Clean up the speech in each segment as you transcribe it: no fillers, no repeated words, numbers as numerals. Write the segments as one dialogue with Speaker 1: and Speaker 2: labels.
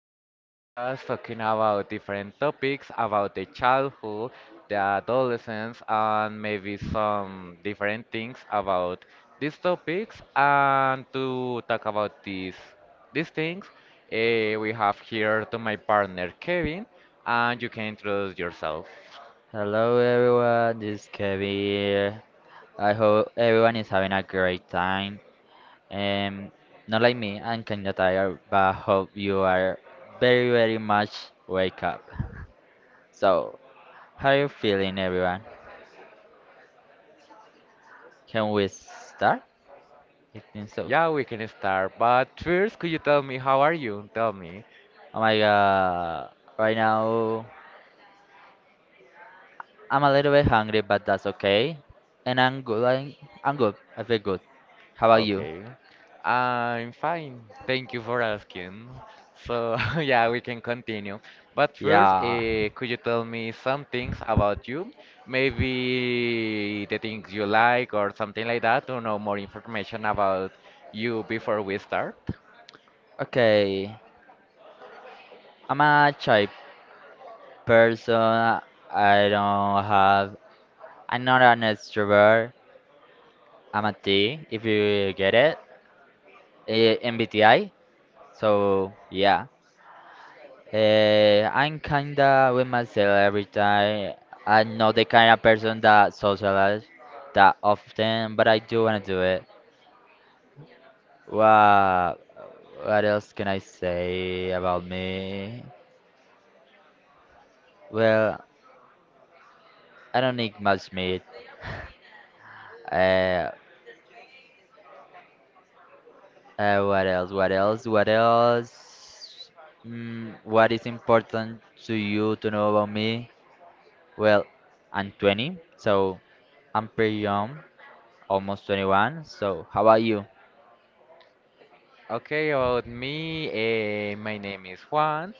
Speaker 1: another podcast talking about different topics about the childhood, the adolescence, and maybe some different things about these topics. And to talk about these these things, we have here to my partner Kevin, and you can introduce yourself.
Speaker 2: Hello everyone, this is Kevin here. I hope everyone is having a great time. Um, Not like me, I'm kinda tired, but I hope you are very very much wake up. So, how are you feeling everyone? Can we start? I think so.
Speaker 1: Yeah, we can start. But first, could you tell me how are you? Tell me.
Speaker 2: Oh my god, right now I'm a little bit hungry, but that's okay. And I'm good, I'm good, I feel good. How about you?
Speaker 1: Okay. I'm fine. Thank you for asking. So, yeah, we can continue. But first,
Speaker 2: Yeah.
Speaker 1: could you tell me some things about you? Maybe the things you like or something like that, to know more information about you before we start?
Speaker 2: Okay, I'm a chai person. I don't have. I'm not an extrovert. I'm a T, if you get it. MBTI. So yeah, I'm kinda with myself every time. I'm not the kind of person that socialize that often, but I do wanna do it. Wow. What else can I say about me? Well, I don't need much meat. Uh, what else? What else? What else? Mm, what is important to you to know about me? Well, I'm 20, so I'm pretty young, almost 21. So, how about you?
Speaker 1: Okay, about me, my name is Juan.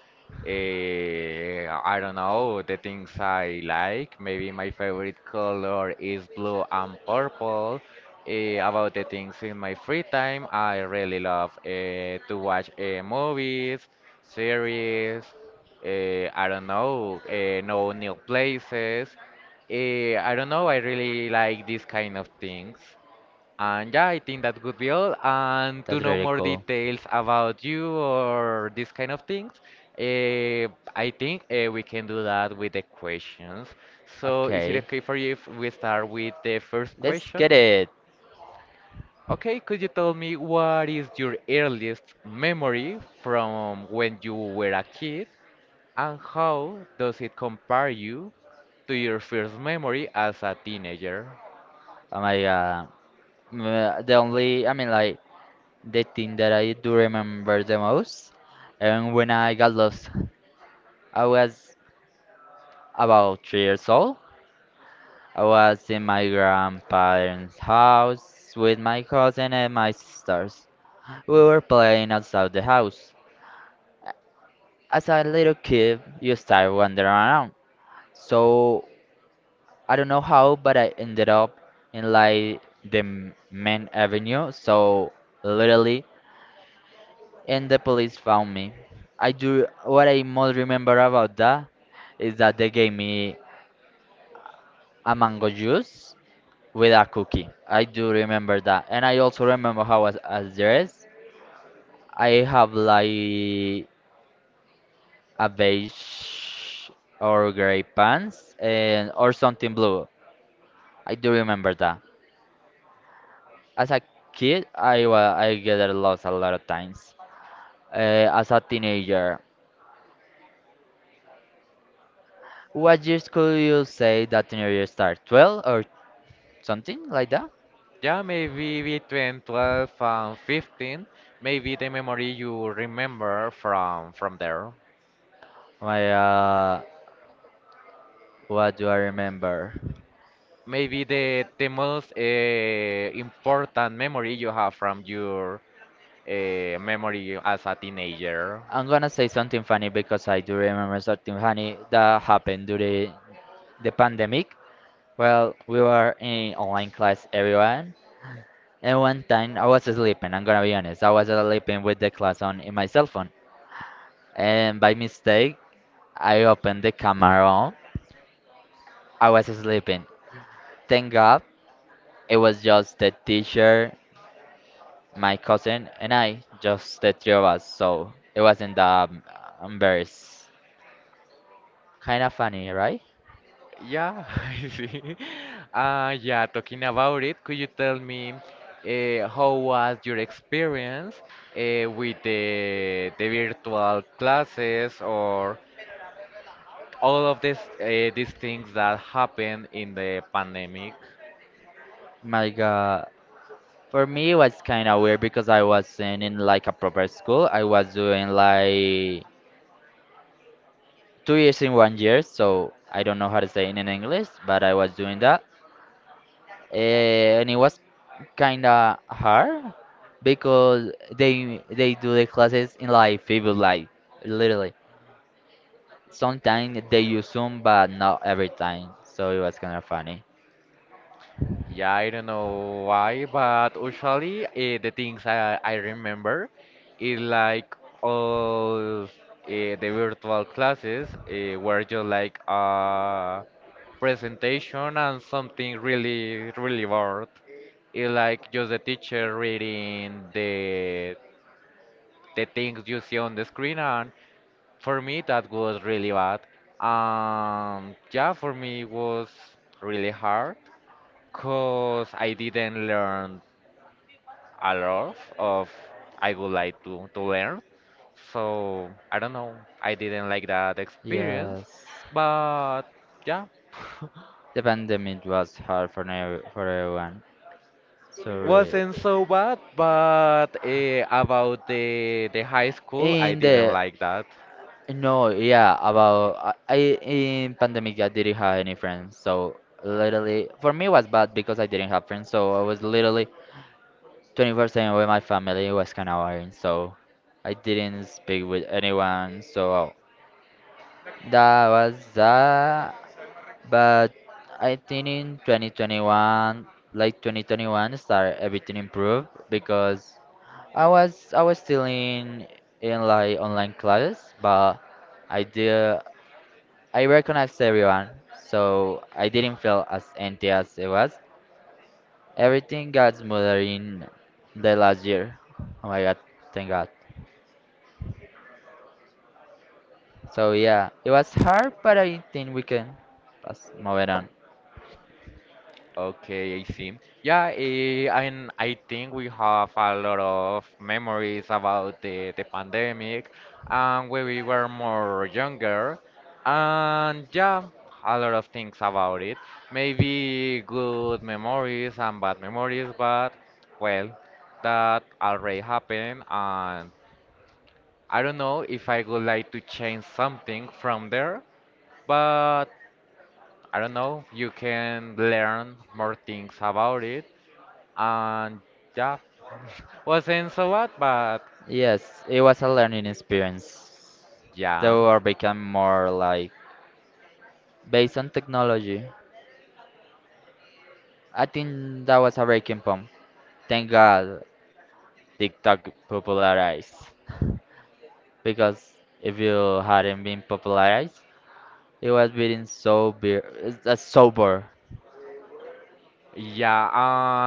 Speaker 1: I don't know the things I like. Maybe my favorite color is blue and purple. About the things in my free time, I really love to watch movies, series. I don't know, know new places. I don't know. I really like these kind of things. And yeah, I think that would be all. And to
Speaker 2: That's
Speaker 1: know
Speaker 2: really
Speaker 1: more
Speaker 2: cool.
Speaker 1: details about you or these kind of things, eh, I think we can do that with the questions. So is it
Speaker 2: Okay,
Speaker 1: okay for you if we start with the first
Speaker 2: let's
Speaker 1: question?
Speaker 2: get it.
Speaker 1: Okay, could you tell me what is your earliest memory from when you were a kid, and how does it compare you to your first memory as a teenager?
Speaker 2: Oh my god. The only, I mean, like, The thing that I do remember the most, and when I got lost, I was about 3 years old. I was in my grandparents' house with my cousin and my sisters. We were playing outside the house. As a little kid, you start wandering around. So I don't know how, but I ended up in like the main avenue. So literally, and the police found me. I do What I most remember about that is that they gave me a mango juice with a cookie. I do remember that. And I also remember how I was dressed. I have like a beige or gray pants and or something blue. I do remember that. As a kid, I get lost a lot of times. As a teenager, what years could you say that teenager start? 12 or something like that?
Speaker 1: Yeah, maybe between 12 and 15, maybe the memory you remember from there.
Speaker 2: My what do I remember?
Speaker 1: Maybe the most important memory you have from your memory as a teenager.
Speaker 2: I'm gonna say something funny because I do remember something funny that happened during the pandemic. Well, we were in online class, everyone, and one time I was sleeping. I'm gonna be honest, I was sleeping with the class on in my cell phone, and by mistake, I opened the camera on. I was sleeping. Thank God, it was just the teacher, my cousin, and I, just the three of us. So it wasn't that embarrassed. Kind of funny, right?
Speaker 1: Yeah, I see. Yeah, talking about it, could you tell me how was your experience with the virtual classes or all of this these things that happened in the pandemic.
Speaker 2: My God. For me, it was kind of weird because I wasn't in like a proper school. I was doing like 2 years in one year, so I don't know how to say it in English, but I was doing that. And it was kind of hard because they do the classes in like fever, like literally. Sometimes they use Zoom, but not every time, so it was kind of funny.
Speaker 1: Yeah, I don't know why, but usually the things I remember is like all the virtual classes were just like a presentation and something really really bored. It's like just the teacher reading the things you see on the screen and for me, that was really bad. Yeah, for me, it was really hard because I didn't learn a lot of I would like to learn. So, I don't know. I didn't like that experience,
Speaker 2: Yes,
Speaker 1: but yeah.
Speaker 2: the pandemic was hard for, for everyone. Sorry.
Speaker 1: Wasn't so bad, but the high school, I
Speaker 2: In
Speaker 1: didn't
Speaker 2: the
Speaker 1: like that.
Speaker 2: No, yeah, about in pandemic I didn't have any friends, so literally for me it was bad because I didn't have friends, so I was literally 24/7 with my family. It was kind of boring, so I didn't speak with anyone. So that was that. But I think in 2021, like 2021, start everything improved because I was still in like online classes, but I did. I recognized everyone, so I didn't feel as empty as it was. Everything got smoother in the last year. Oh my god, thank god. So yeah, it was hard, but I think we can pass, move it on.
Speaker 1: Okay, I see. Yeah, and I think we have a lot of memories about the pandemic and when we were more younger. And yeah, a lot of things about it. Maybe good memories and bad memories, but well, that already happened. And I don't know if I would like to change something from there, but I don't know, you can learn more things about it and yeah, wasn't so bad, but
Speaker 2: Yes, it was a learning experience. The
Speaker 1: yeah,
Speaker 2: world became more like based on technology. I think that was a breaking point. Thank God TikTok popularized. Because if you hadn't been popularized, it was being so beer, sober.
Speaker 1: yeah.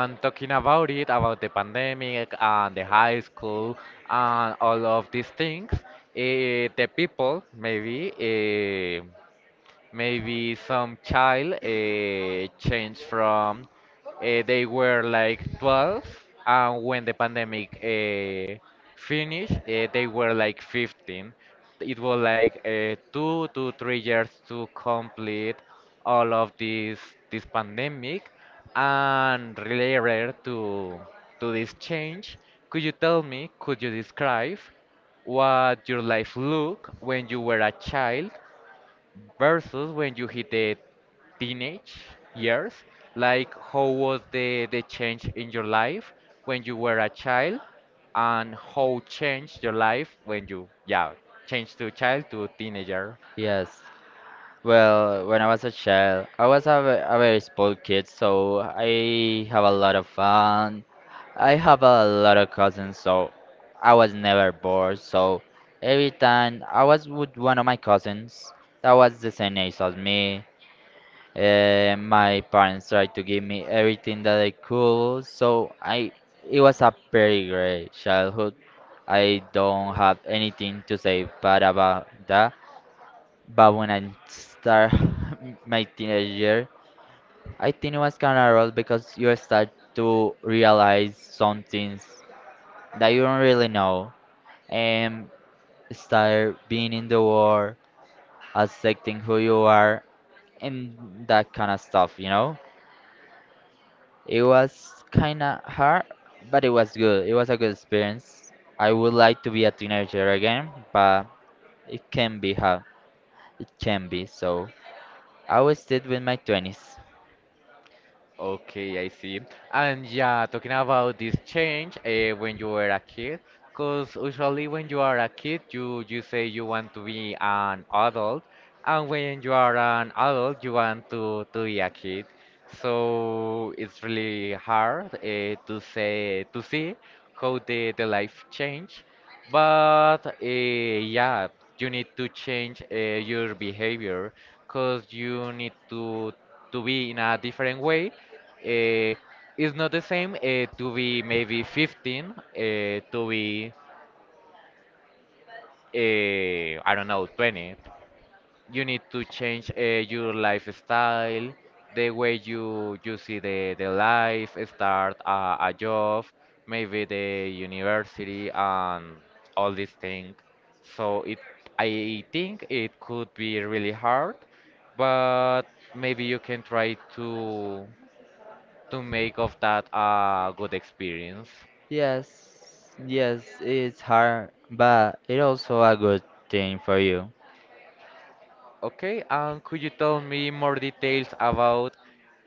Speaker 1: And talking about it, about the pandemic and the high school and all of these things, eh, the people maybe. Eh Maybe some child changed from they were like 12, and when the pandemic finished, they were like 15. It was like 2 to 3 years to complete all of this pandemic, and related to this change, could you tell me? Could you describe what your life looked when you were a child versus when you hit the teenage years? Like how was the change in your life when you were a child and how changed your life when you yeah changed to child to teenager.
Speaker 2: Yes. Well, when I was a child, I was a, a very spoiled kid, so I have a lot of fun. I have a lot of cousins, so I was never bored. So every time I was with one of my cousins that was the same age as me, my parents tried to give me everything that they could, so I it was a very great childhood. I don't have anything to say bad about that. But when I start my teenage year, I think it was kind of rough because you start to realize some things that you don't really know and start being in the world, accepting who you are, and that kind of stuff, you know? It was kinda hard, but it was good. It was a good experience. I would like to be a teenager again, but it can be hard. It can be, so I will stick with my 20s.
Speaker 1: Okay, I see. And yeah, talking about this change when you were a kid, because usually when you are a kid, you say you want to be an adult, and when you are an adult, you want to be a kid. So it's really hard to see how the life change, but yeah, you need to change your behavior, because you need to be in a different way uh, it's not the same to be maybe 15 to be I don't know 20. You need to change your lifestyle, the way you see the life, start a job, maybe the university and all these things. So it I think it could be really hard, but maybe you can try to. To make of that a good experience.
Speaker 2: Yes, yes, it's hard, but it also a good thing for you.
Speaker 1: Okay, and could you tell me more details about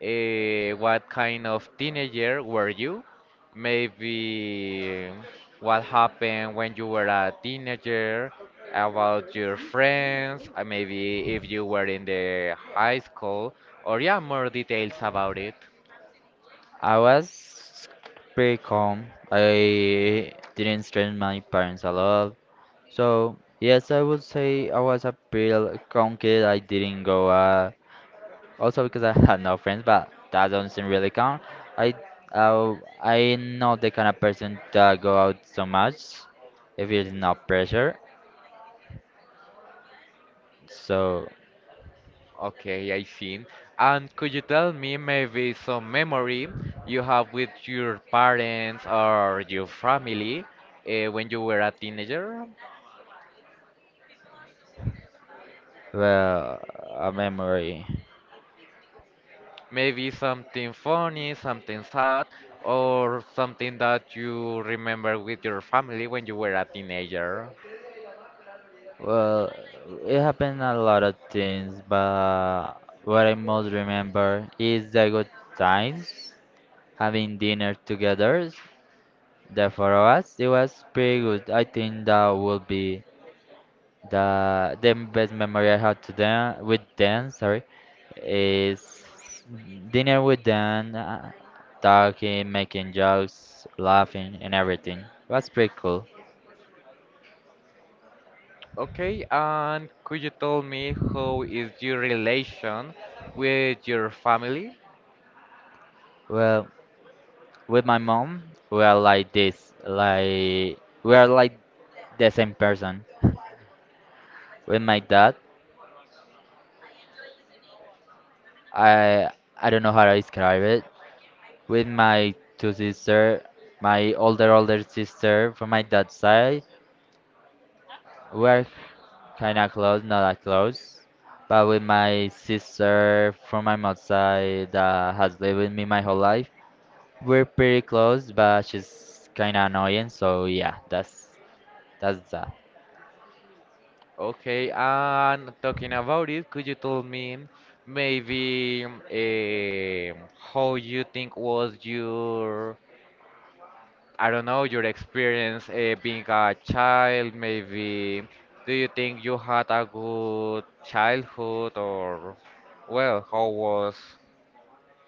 Speaker 1: what kind of teenager were you? Maybe what happened when you were a teenager, about your friends, maybe if you were in the high school, or yeah, more details about it.
Speaker 2: I was pretty calm. I didn't strain my parents a lot. So, yes, I would say I was a pretty calm kid. I didn't go also because I had no friends, but that doesn't really count. I uh, I'm not the kind of person that go out so much if it's not pressure. So
Speaker 1: Okay, I see. And could you tell me maybe some memory you have with your parents or your family when you were a teenager?
Speaker 2: well, a memory.
Speaker 1: Maybe something funny, something sad, or something that you remember with your family when you were a teenager.
Speaker 2: Well, it happened a lot of things, but what I most remember is the good times having dinner together. The four of us, it was pretty good. I think that would be the best memory I had to Dan with Dan, sorry, is dinner with Dan, talking, making jokes, laughing, and everything. Was pretty cool.
Speaker 1: Okay, and could you tell me how is your relation with your family?
Speaker 2: Well, with my mom, we are like this, like we are like the same person. With my dad, I I don't know how to describe it. With my two sister, my older sister from my dad's side, we're kinda close, not that close, but with my sister from my mom's side that has lived with me my whole life, we're pretty close, but she's kinda annoying. So yeah, that's that.
Speaker 1: Okay, and talking about it, could you tell me maybe how you think was your, I don't know, your experience being a child? Maybe do you think you had a good childhood or, well, how was?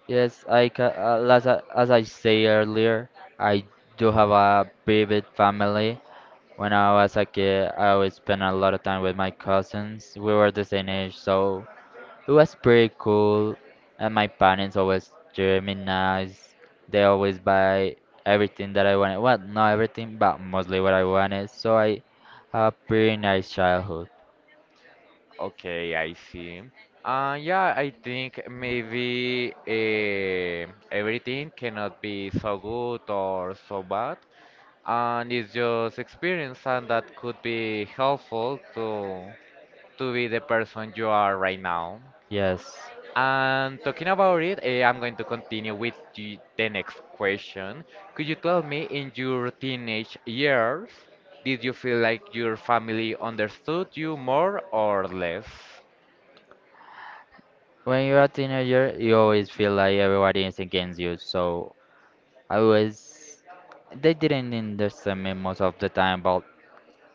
Speaker 2: Yes, I ca- as I say earlier, I do have a pretty big family. When I was a kid, I always spent a lot of time with my cousins. We were the same age, so it was pretty cool, and my parents always treated me nice. They always buy everything that I wanted. Well, not everything, but mostly what I wanted. So I had a pretty nice childhood.
Speaker 1: Okay, I see. Yeah, I think maybe everything cannot be so good or so bad. And it's just experience and that could be helpful to be the person you are right now.
Speaker 2: Yes.
Speaker 1: And talking about it I'm going to continue with the next question. Could you tell me in your teenage years, did you feel like your family understood you more or less?
Speaker 2: When you're a teenager, you always feel like everybody is against you. So I always they didn't understand me most of the time, but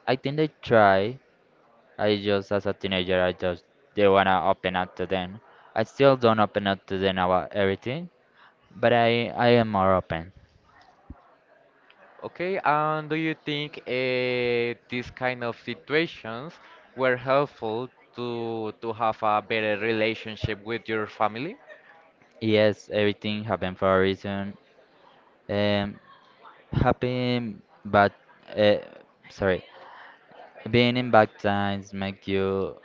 Speaker 2: I think they try. I just, as a teenager, I just didn't wanna open up to them. I still don't open up to them about everything, but I am more open.
Speaker 1: Okay, and do you think these kind of situations were helpful to have a better relationship with your family?
Speaker 2: Yes, everything happened for a reason. Um, Happy, but uh, sorry, being in bad times make you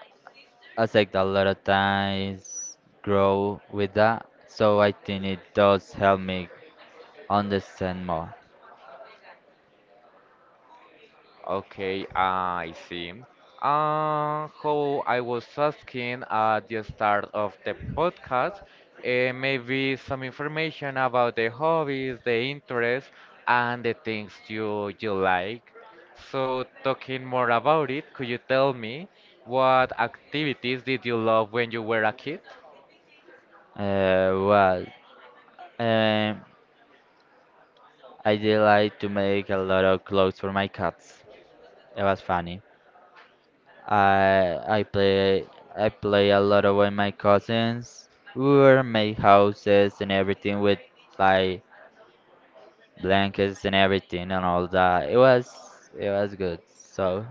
Speaker 2: accept a lot of times, grow with that. So I think it does help me understand more.
Speaker 1: Okay, I see. How I was asking at the start of the podcast, maybe some information about the hobbies, the interests, and the things you like. So, talking more about it, could you tell me what activities did you love when you were a kid?
Speaker 2: Well, um, I did like to make a lot of clothes for my cats. It was funny. I I play I play a lot of with my cousins. We were made houses and everything with like blankets and everything and all that. It was good. So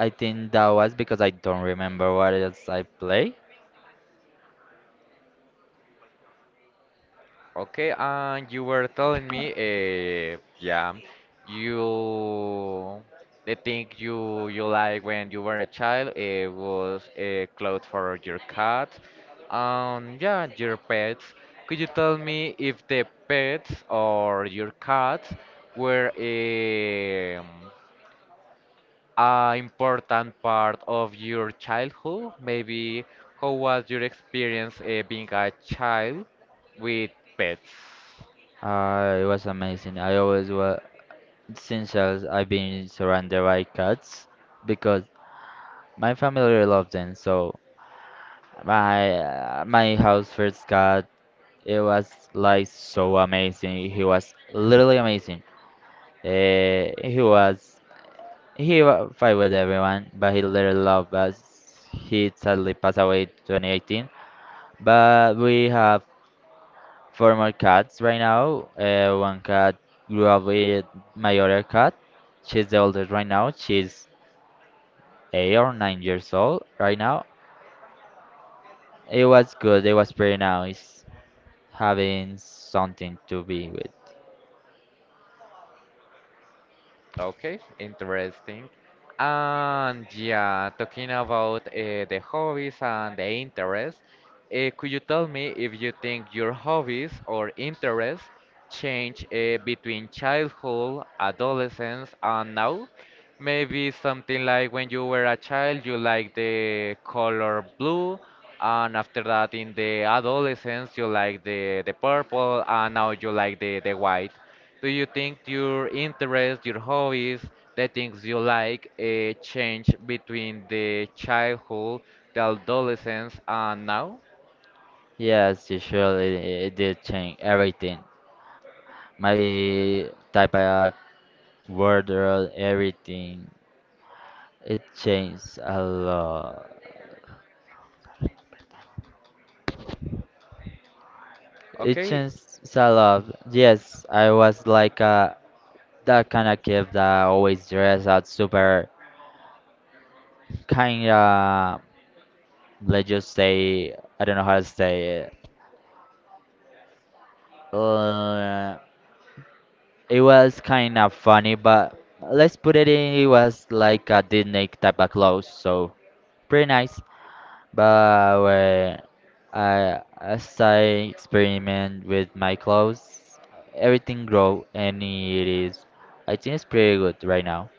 Speaker 2: I think that was because I don't remember what else I play.
Speaker 1: Okay, and you were telling me, yeah, you the thing you like when you were a child it was a clothes for your cat, yeah, your pets. Could you tell me if the pets or your cats were a important part of your childhood? Maybe how was your experience being a child with pets?
Speaker 2: It was amazing. I always was Since I was, I've been surrounded by cats because my family loves them. So my house first cat it was like so amazing. He was literally amazing. Uh, he was he fight with everyone, but he literally loved us. He sadly passed away 2018. But we have four more cats right now. One cat grew up with my other cat. She's the oldest right now. She's 8 or 9 years old right now. It was good. It was pretty nice having something to be with.
Speaker 1: Okay, interesting. And yeah, talking about the hobbies and the interests, could you tell me if you think your hobbies or interests change between childhood, adolescence, and now? Maybe something like when you were a child, you liked the color blue, and after that, in the adolescence, you like the purple, and now you like the white. Do you think your interests, your hobbies, the things you like, change between the childhood, the adolescence, and now?
Speaker 2: Yes, usually it did change everything. My type of wardrobe, everything. It changed a lot. It
Speaker 1: Okay,
Speaker 2: changed a lot. Yes, I was like a that kind of kid that always dressed out super kind of let's just say I don't know how to say it. Uh, it was kind of funny, but let's put it in. It was like a Disney type of clothes, so pretty nice. But where I, as I experiment with my clothes, everything grow and it is, I think it's pretty good right now.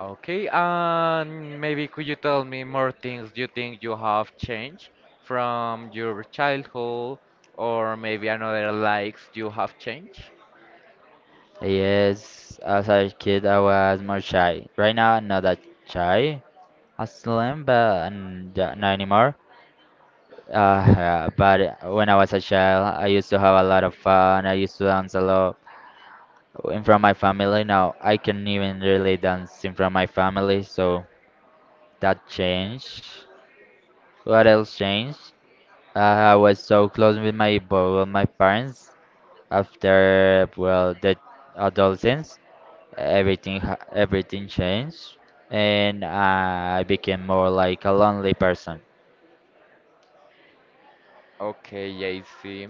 Speaker 1: okay, and maybe could you tell me more things you think you have changed from your childhood, or maybe another likes you have changed?
Speaker 2: Yes, as a kid I was more shy. Right now I'm not that shy, I still am, but not anymore. Uh, yeah, but when I was a child, I used to have a lot of fun. I used to dance a lot in front of my family. Now I can't even really dance in front of my family, so that changed. What else changed? I was so close with my my parents after well the adolescence. Everything changed, and I became more like a lonely person.
Speaker 1: Okay, yeah, I see.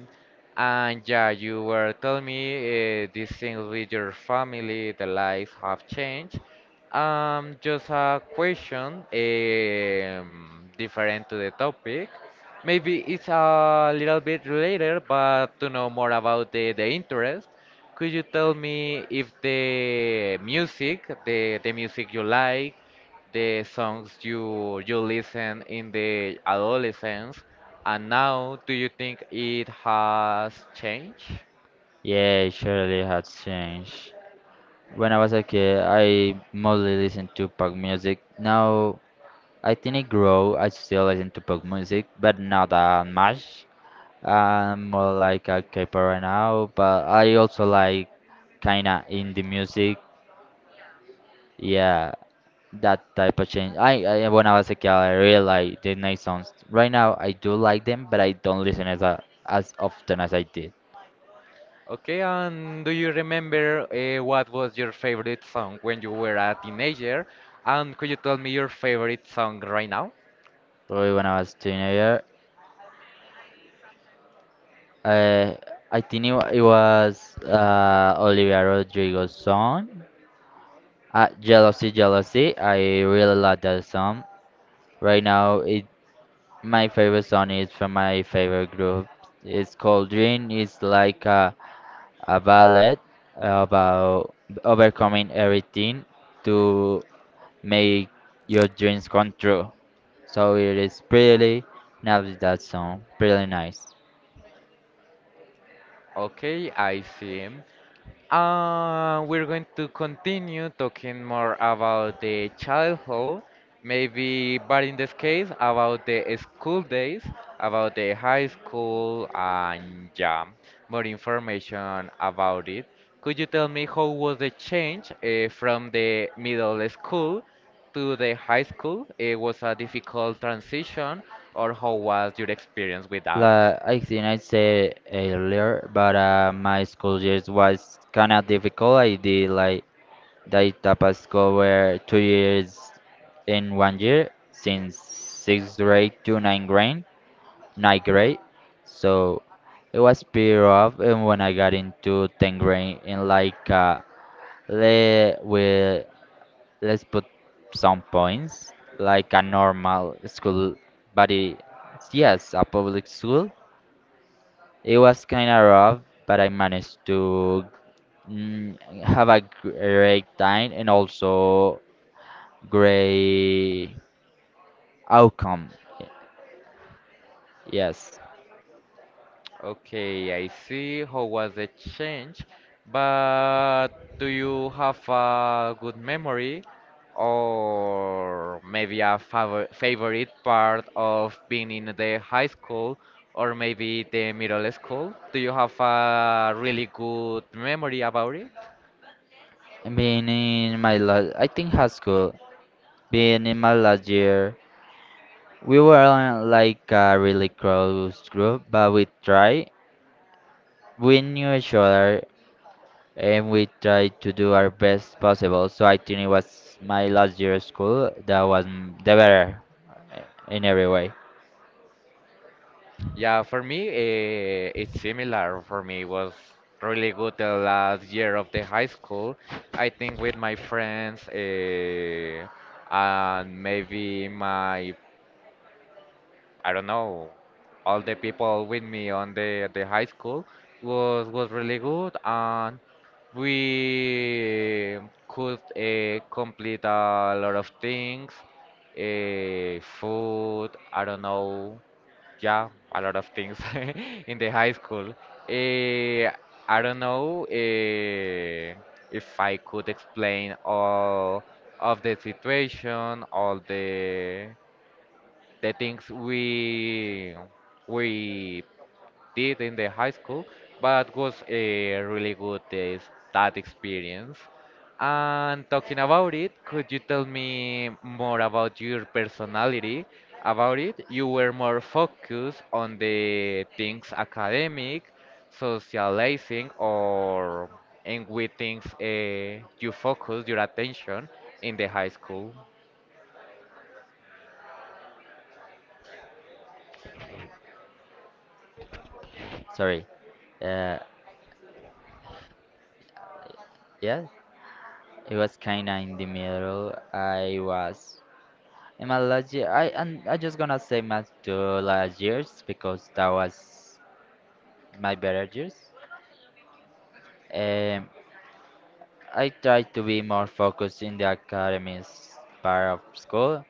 Speaker 1: And yeah, you were telling me these things with your family, the lives have changed. Just a question, different to the topic. Maybe it's a little bit related, but to know more about the interest. Could you tell me if the music, the music you like, the songs you listen in the adolescence, and now do you think it has changed?
Speaker 2: Yeah, it surely had changed. When I was a kid, I mostly listened to pop music. Now I think I grow. I still listen to pop music, but not that much. I'm more like a K-pop right now, but I also like kinda indie music. Yeah, that type of change. I when I was a kid, I really liked the nice songs. Right now, I do like them, but I don't listen as as often as I did.
Speaker 1: Okay, and do you remember what was your favorite song when you were a teenager? And could you tell me your favorite song right now?
Speaker 2: Probably when I was teenager. Uh, I think it was Olivia Rodrigo's song. Jealousy, Jealousy. I really like that song. Right now, it My favorite song is from my favorite group. It's called Dream. It's like a ballet about overcoming everything to make your dreams come true. So it is pretty nice that song. Pretty nice.
Speaker 1: Okay, I see. We're going to continue talking more about the childhood, maybe, but in this case, about the school days, about the high school, and yeah, more information about it. Could you tell me how was the change from the middle school to the high school? It was a difficult transition, or how was your experience with that?
Speaker 2: Like I think I said earlier, but my school years was kind of difficult. I did like They tapas cover 2 years in 1 year, since sixth grade to ninth grade, ninth grade. So it was pretty rough. And when I got into tenth grade, in like le we let's put some points, like a normal school, but it, yes, a public school. It was kind of rough, but I managed to mm, have a great time and also great outcome. Yes.
Speaker 1: Okay, I see how was the change, but do you have a good memory or maybe a favorite part of being in the high school or maybe the middle school? Do you have a really good memory about it?
Speaker 2: Being in my last, I think high school, being in my last year, we were on like a really close group, but we tried. We knew each other and we tried to do our best possible. So I think it was my last year of school that was the better in every way.
Speaker 1: Yeah, for me, it's similar. For me, it was really good the last year of the high school. I think with my friends and maybe my, I don't know, all the people with me on the high school was really good, and we could complete a lot of things, food, I don't know. Yeah, a lot of things in the high school. Eh, I don't know if I could explain all of the situation, all the things we did in the high school, but was a really good that experience. And talking about it, could you tell me more about your personality? About it, you were more focused on the things academic, socializing, or and with things you focus your attention in the high school.
Speaker 2: Sorry. Uh, yeah, it was kinda in the middle. I was In my last year, I just gonna say my two last years because that was my better years. Um, I tried to be more focused in the academics part of school,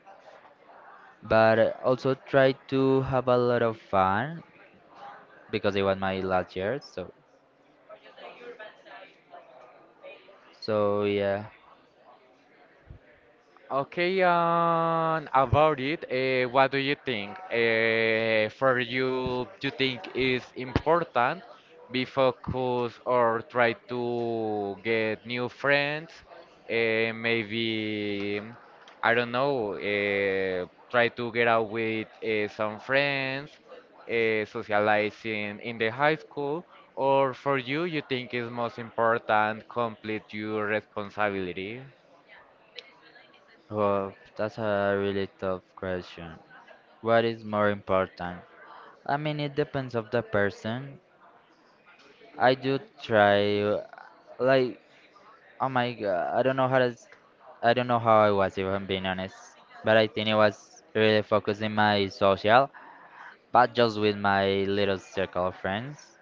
Speaker 2: but also tried to have a lot of fun because it was my last year. So yeah.
Speaker 1: Okay, and about it, what do you think? For you, you think is important be focused or try to get new friends? Maybe I don't know. Try to get out with some friends, socializing in the high school, or for you, you think is most important complete your responsibility?
Speaker 2: Well, that's a really tough question. What is more important? I mean, it depends of the person. I do try, like Oh my god, I don't know how I don't know how I was if I'm being honest, but I think it was really focusing my social, but just with my little circle of friends.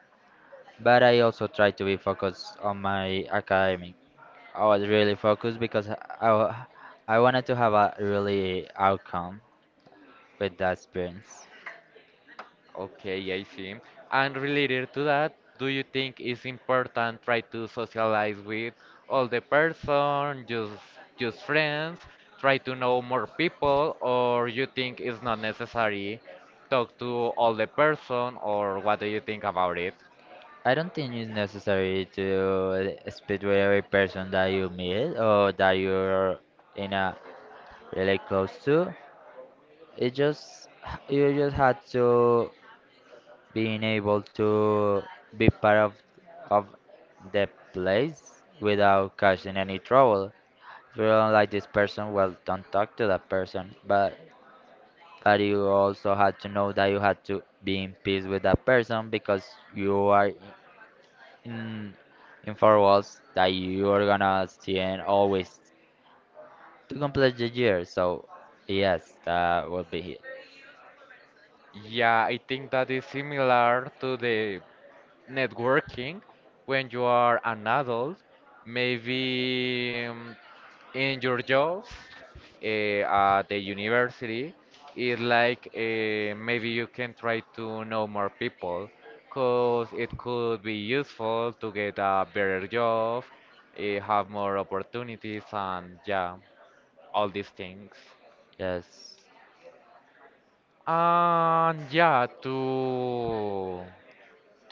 Speaker 2: But I also tried to be focused on my academic. I was really focused because I wanted to have a really outcome with that experience.
Speaker 1: Okay, I see. And related to that, do you think it's important try to socialize with all the person, just friends, try to know more people, or you think it's not necessary talk to all the person, or what do you think about it?
Speaker 2: I don't think it's necessary to speak with every person that you meet or that you're in a really close to. It just you just had to being able to be part of of the place without causing any trouble. If you don't like this person, well, don't talk to that person. But you also had to know that you had to be in peace with that person because you are in four walls that you are gonna stay in always to complete the year. So yes, that would be it.
Speaker 1: Yeah, I think that is similar to the networking when you are an adult. Maybe in your job at the university is like maybe you can try to know more people because it could be useful to get a better job, have more opportunities, and yeah, all these things.
Speaker 2: Yes.
Speaker 1: And yeah, to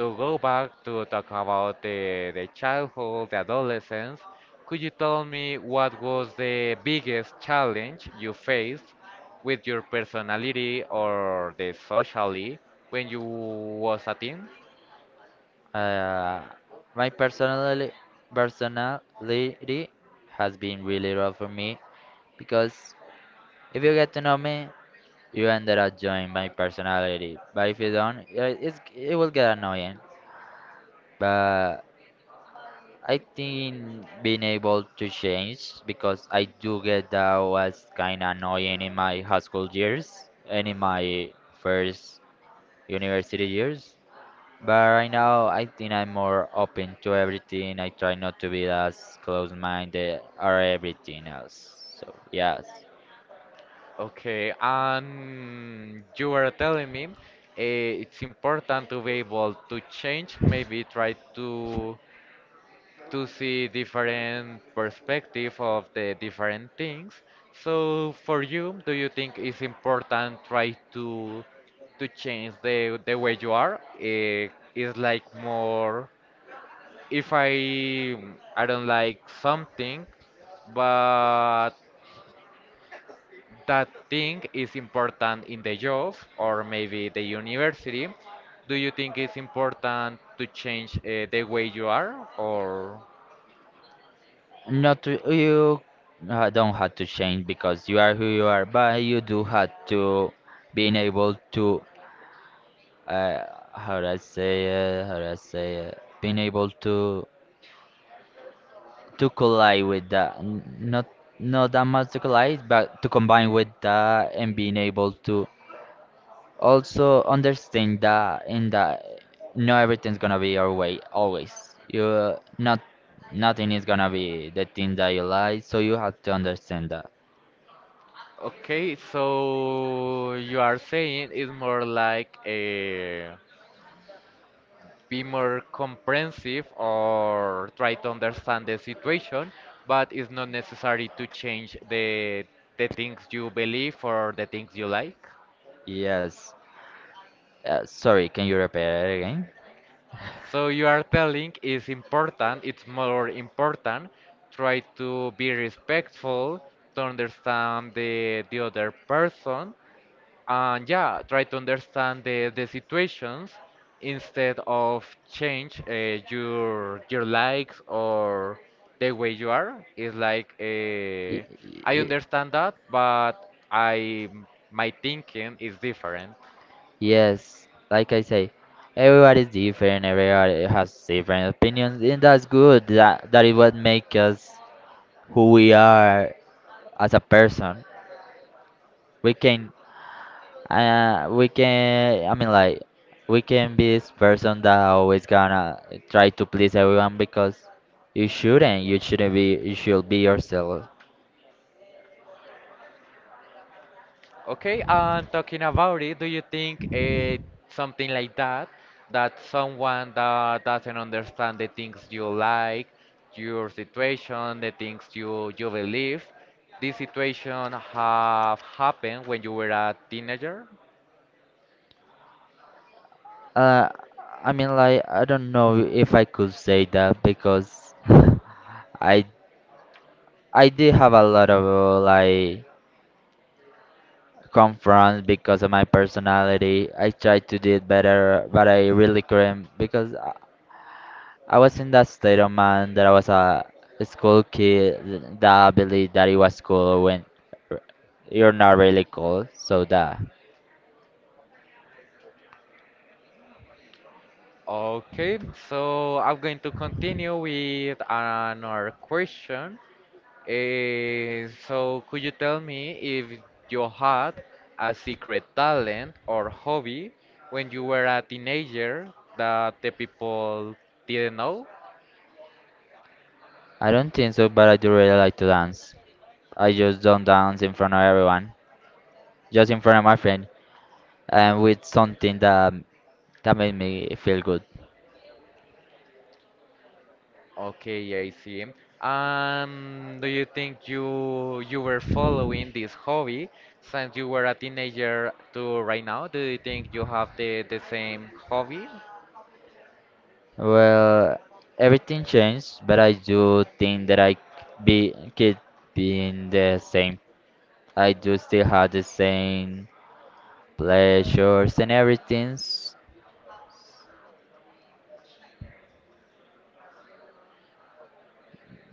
Speaker 1: to go back to talk about the childhood, the adolescence, could you tell me what was the biggest challenge you faced with your personality or the socially when you was a teen?
Speaker 2: Uh, my personality, personality has been really rough for me because if you get to know me, you ended up enjoying my personality. But if you don't, yeah, it's, it will get annoying. But I think being able to change because I do get that was kind of annoying in my high school years and in my first university years. But right now, I think I'm more open to everything. I try not to be as close-minded or everything else. So yes,
Speaker 1: Okay, and you were telling me it's important to be able to change, maybe try to see different perspective of the different things. So for you, do you think it's important try to change the way you are? Eh, it's like more if I don't like something, but that thing is important in the job or maybe the university. Do you think it's important to change the way you are or?
Speaker 2: not to, you don't have to change because you are who you are, but you do have to being able to uh, how do I say it? How do I say it? Being able to collide with that, n- not not that much to collide, but to combine with that and being able to Also understand that in that not everything's gonna be your way always. You not nothing is gonna be the thing that you like, so you have to understand that.
Speaker 1: Okay, so you are saying it's more like a be more comprehensive or try to understand the situation, but it's not necessary to change the things you believe or the things you like.
Speaker 2: Yes. Sorry, can you repeat it again?
Speaker 1: So you are telling is important, it's more important, try to be respectful, to understand the other person, and yeah try to understand the situations instead of change your likes or the way you are is like
Speaker 2: Y- y-
Speaker 1: I
Speaker 2: uh, y-
Speaker 1: understand that but I my thinking is different.
Speaker 2: Yes, like I say, everybody's different, everybody has different opinions, and that's good. That is what makes us who we are as a person. We can we can, I mean, like, we can be this person that always gonna try to please everyone because you shouldn't. You shouldn't be. You should be yourself.
Speaker 1: Okay, and talking about it, do you think something like that, that someone that doesn't understand the things you like, your situation, the things you believe, this situation have happened when you were a teenager?
Speaker 2: Uh, I mean, like, I don't know if I could say that because I I did have a lot of like confronts because of my personality. I tried to do it better, but I really couldn't because I was in that state of mind that I was a school kid that I believed that it was cool when r- you're not really cool. So that
Speaker 1: Okay, so I'm going to continue with another question. Eh, so, could you tell me if you had a secret talent or hobby when you were a teenager that the people didn't know?
Speaker 2: I don't think so, but I do really like to dance. I just don't dance in front of everyone, just in front of my friend, and with something that made me feel good.
Speaker 1: Okay, I see. Do you think you were following this hobby since you were a teenager to right now? Do you think you have the same hobby?
Speaker 2: Well, everything changed, but I do think that be keep being the same. I do still have the same pleasures and everything.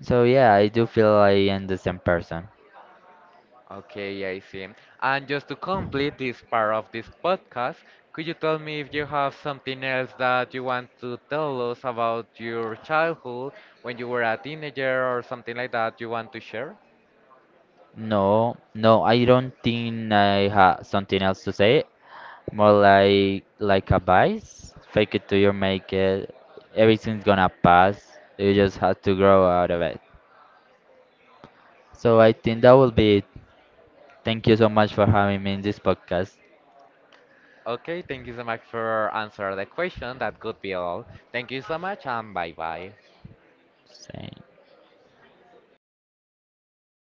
Speaker 2: So yeah, I do feel I am the same person.
Speaker 1: Okay, I see. And just to complete this part of this podcast, could you tell me if you have something else that you want to tell us about your childhood when you were a teenager or something like that you want to share?
Speaker 2: No, no, I don't think I have something else to say. More like advice. Fake it till you make it. Everything's gonna pass. You just have to grow out of it. So I think that will be it. Thank you so much for having me in this podcast.
Speaker 1: Okay, thank you so much for answering the question. That could be all. Thank you so much and bye bye.
Speaker 2: Same.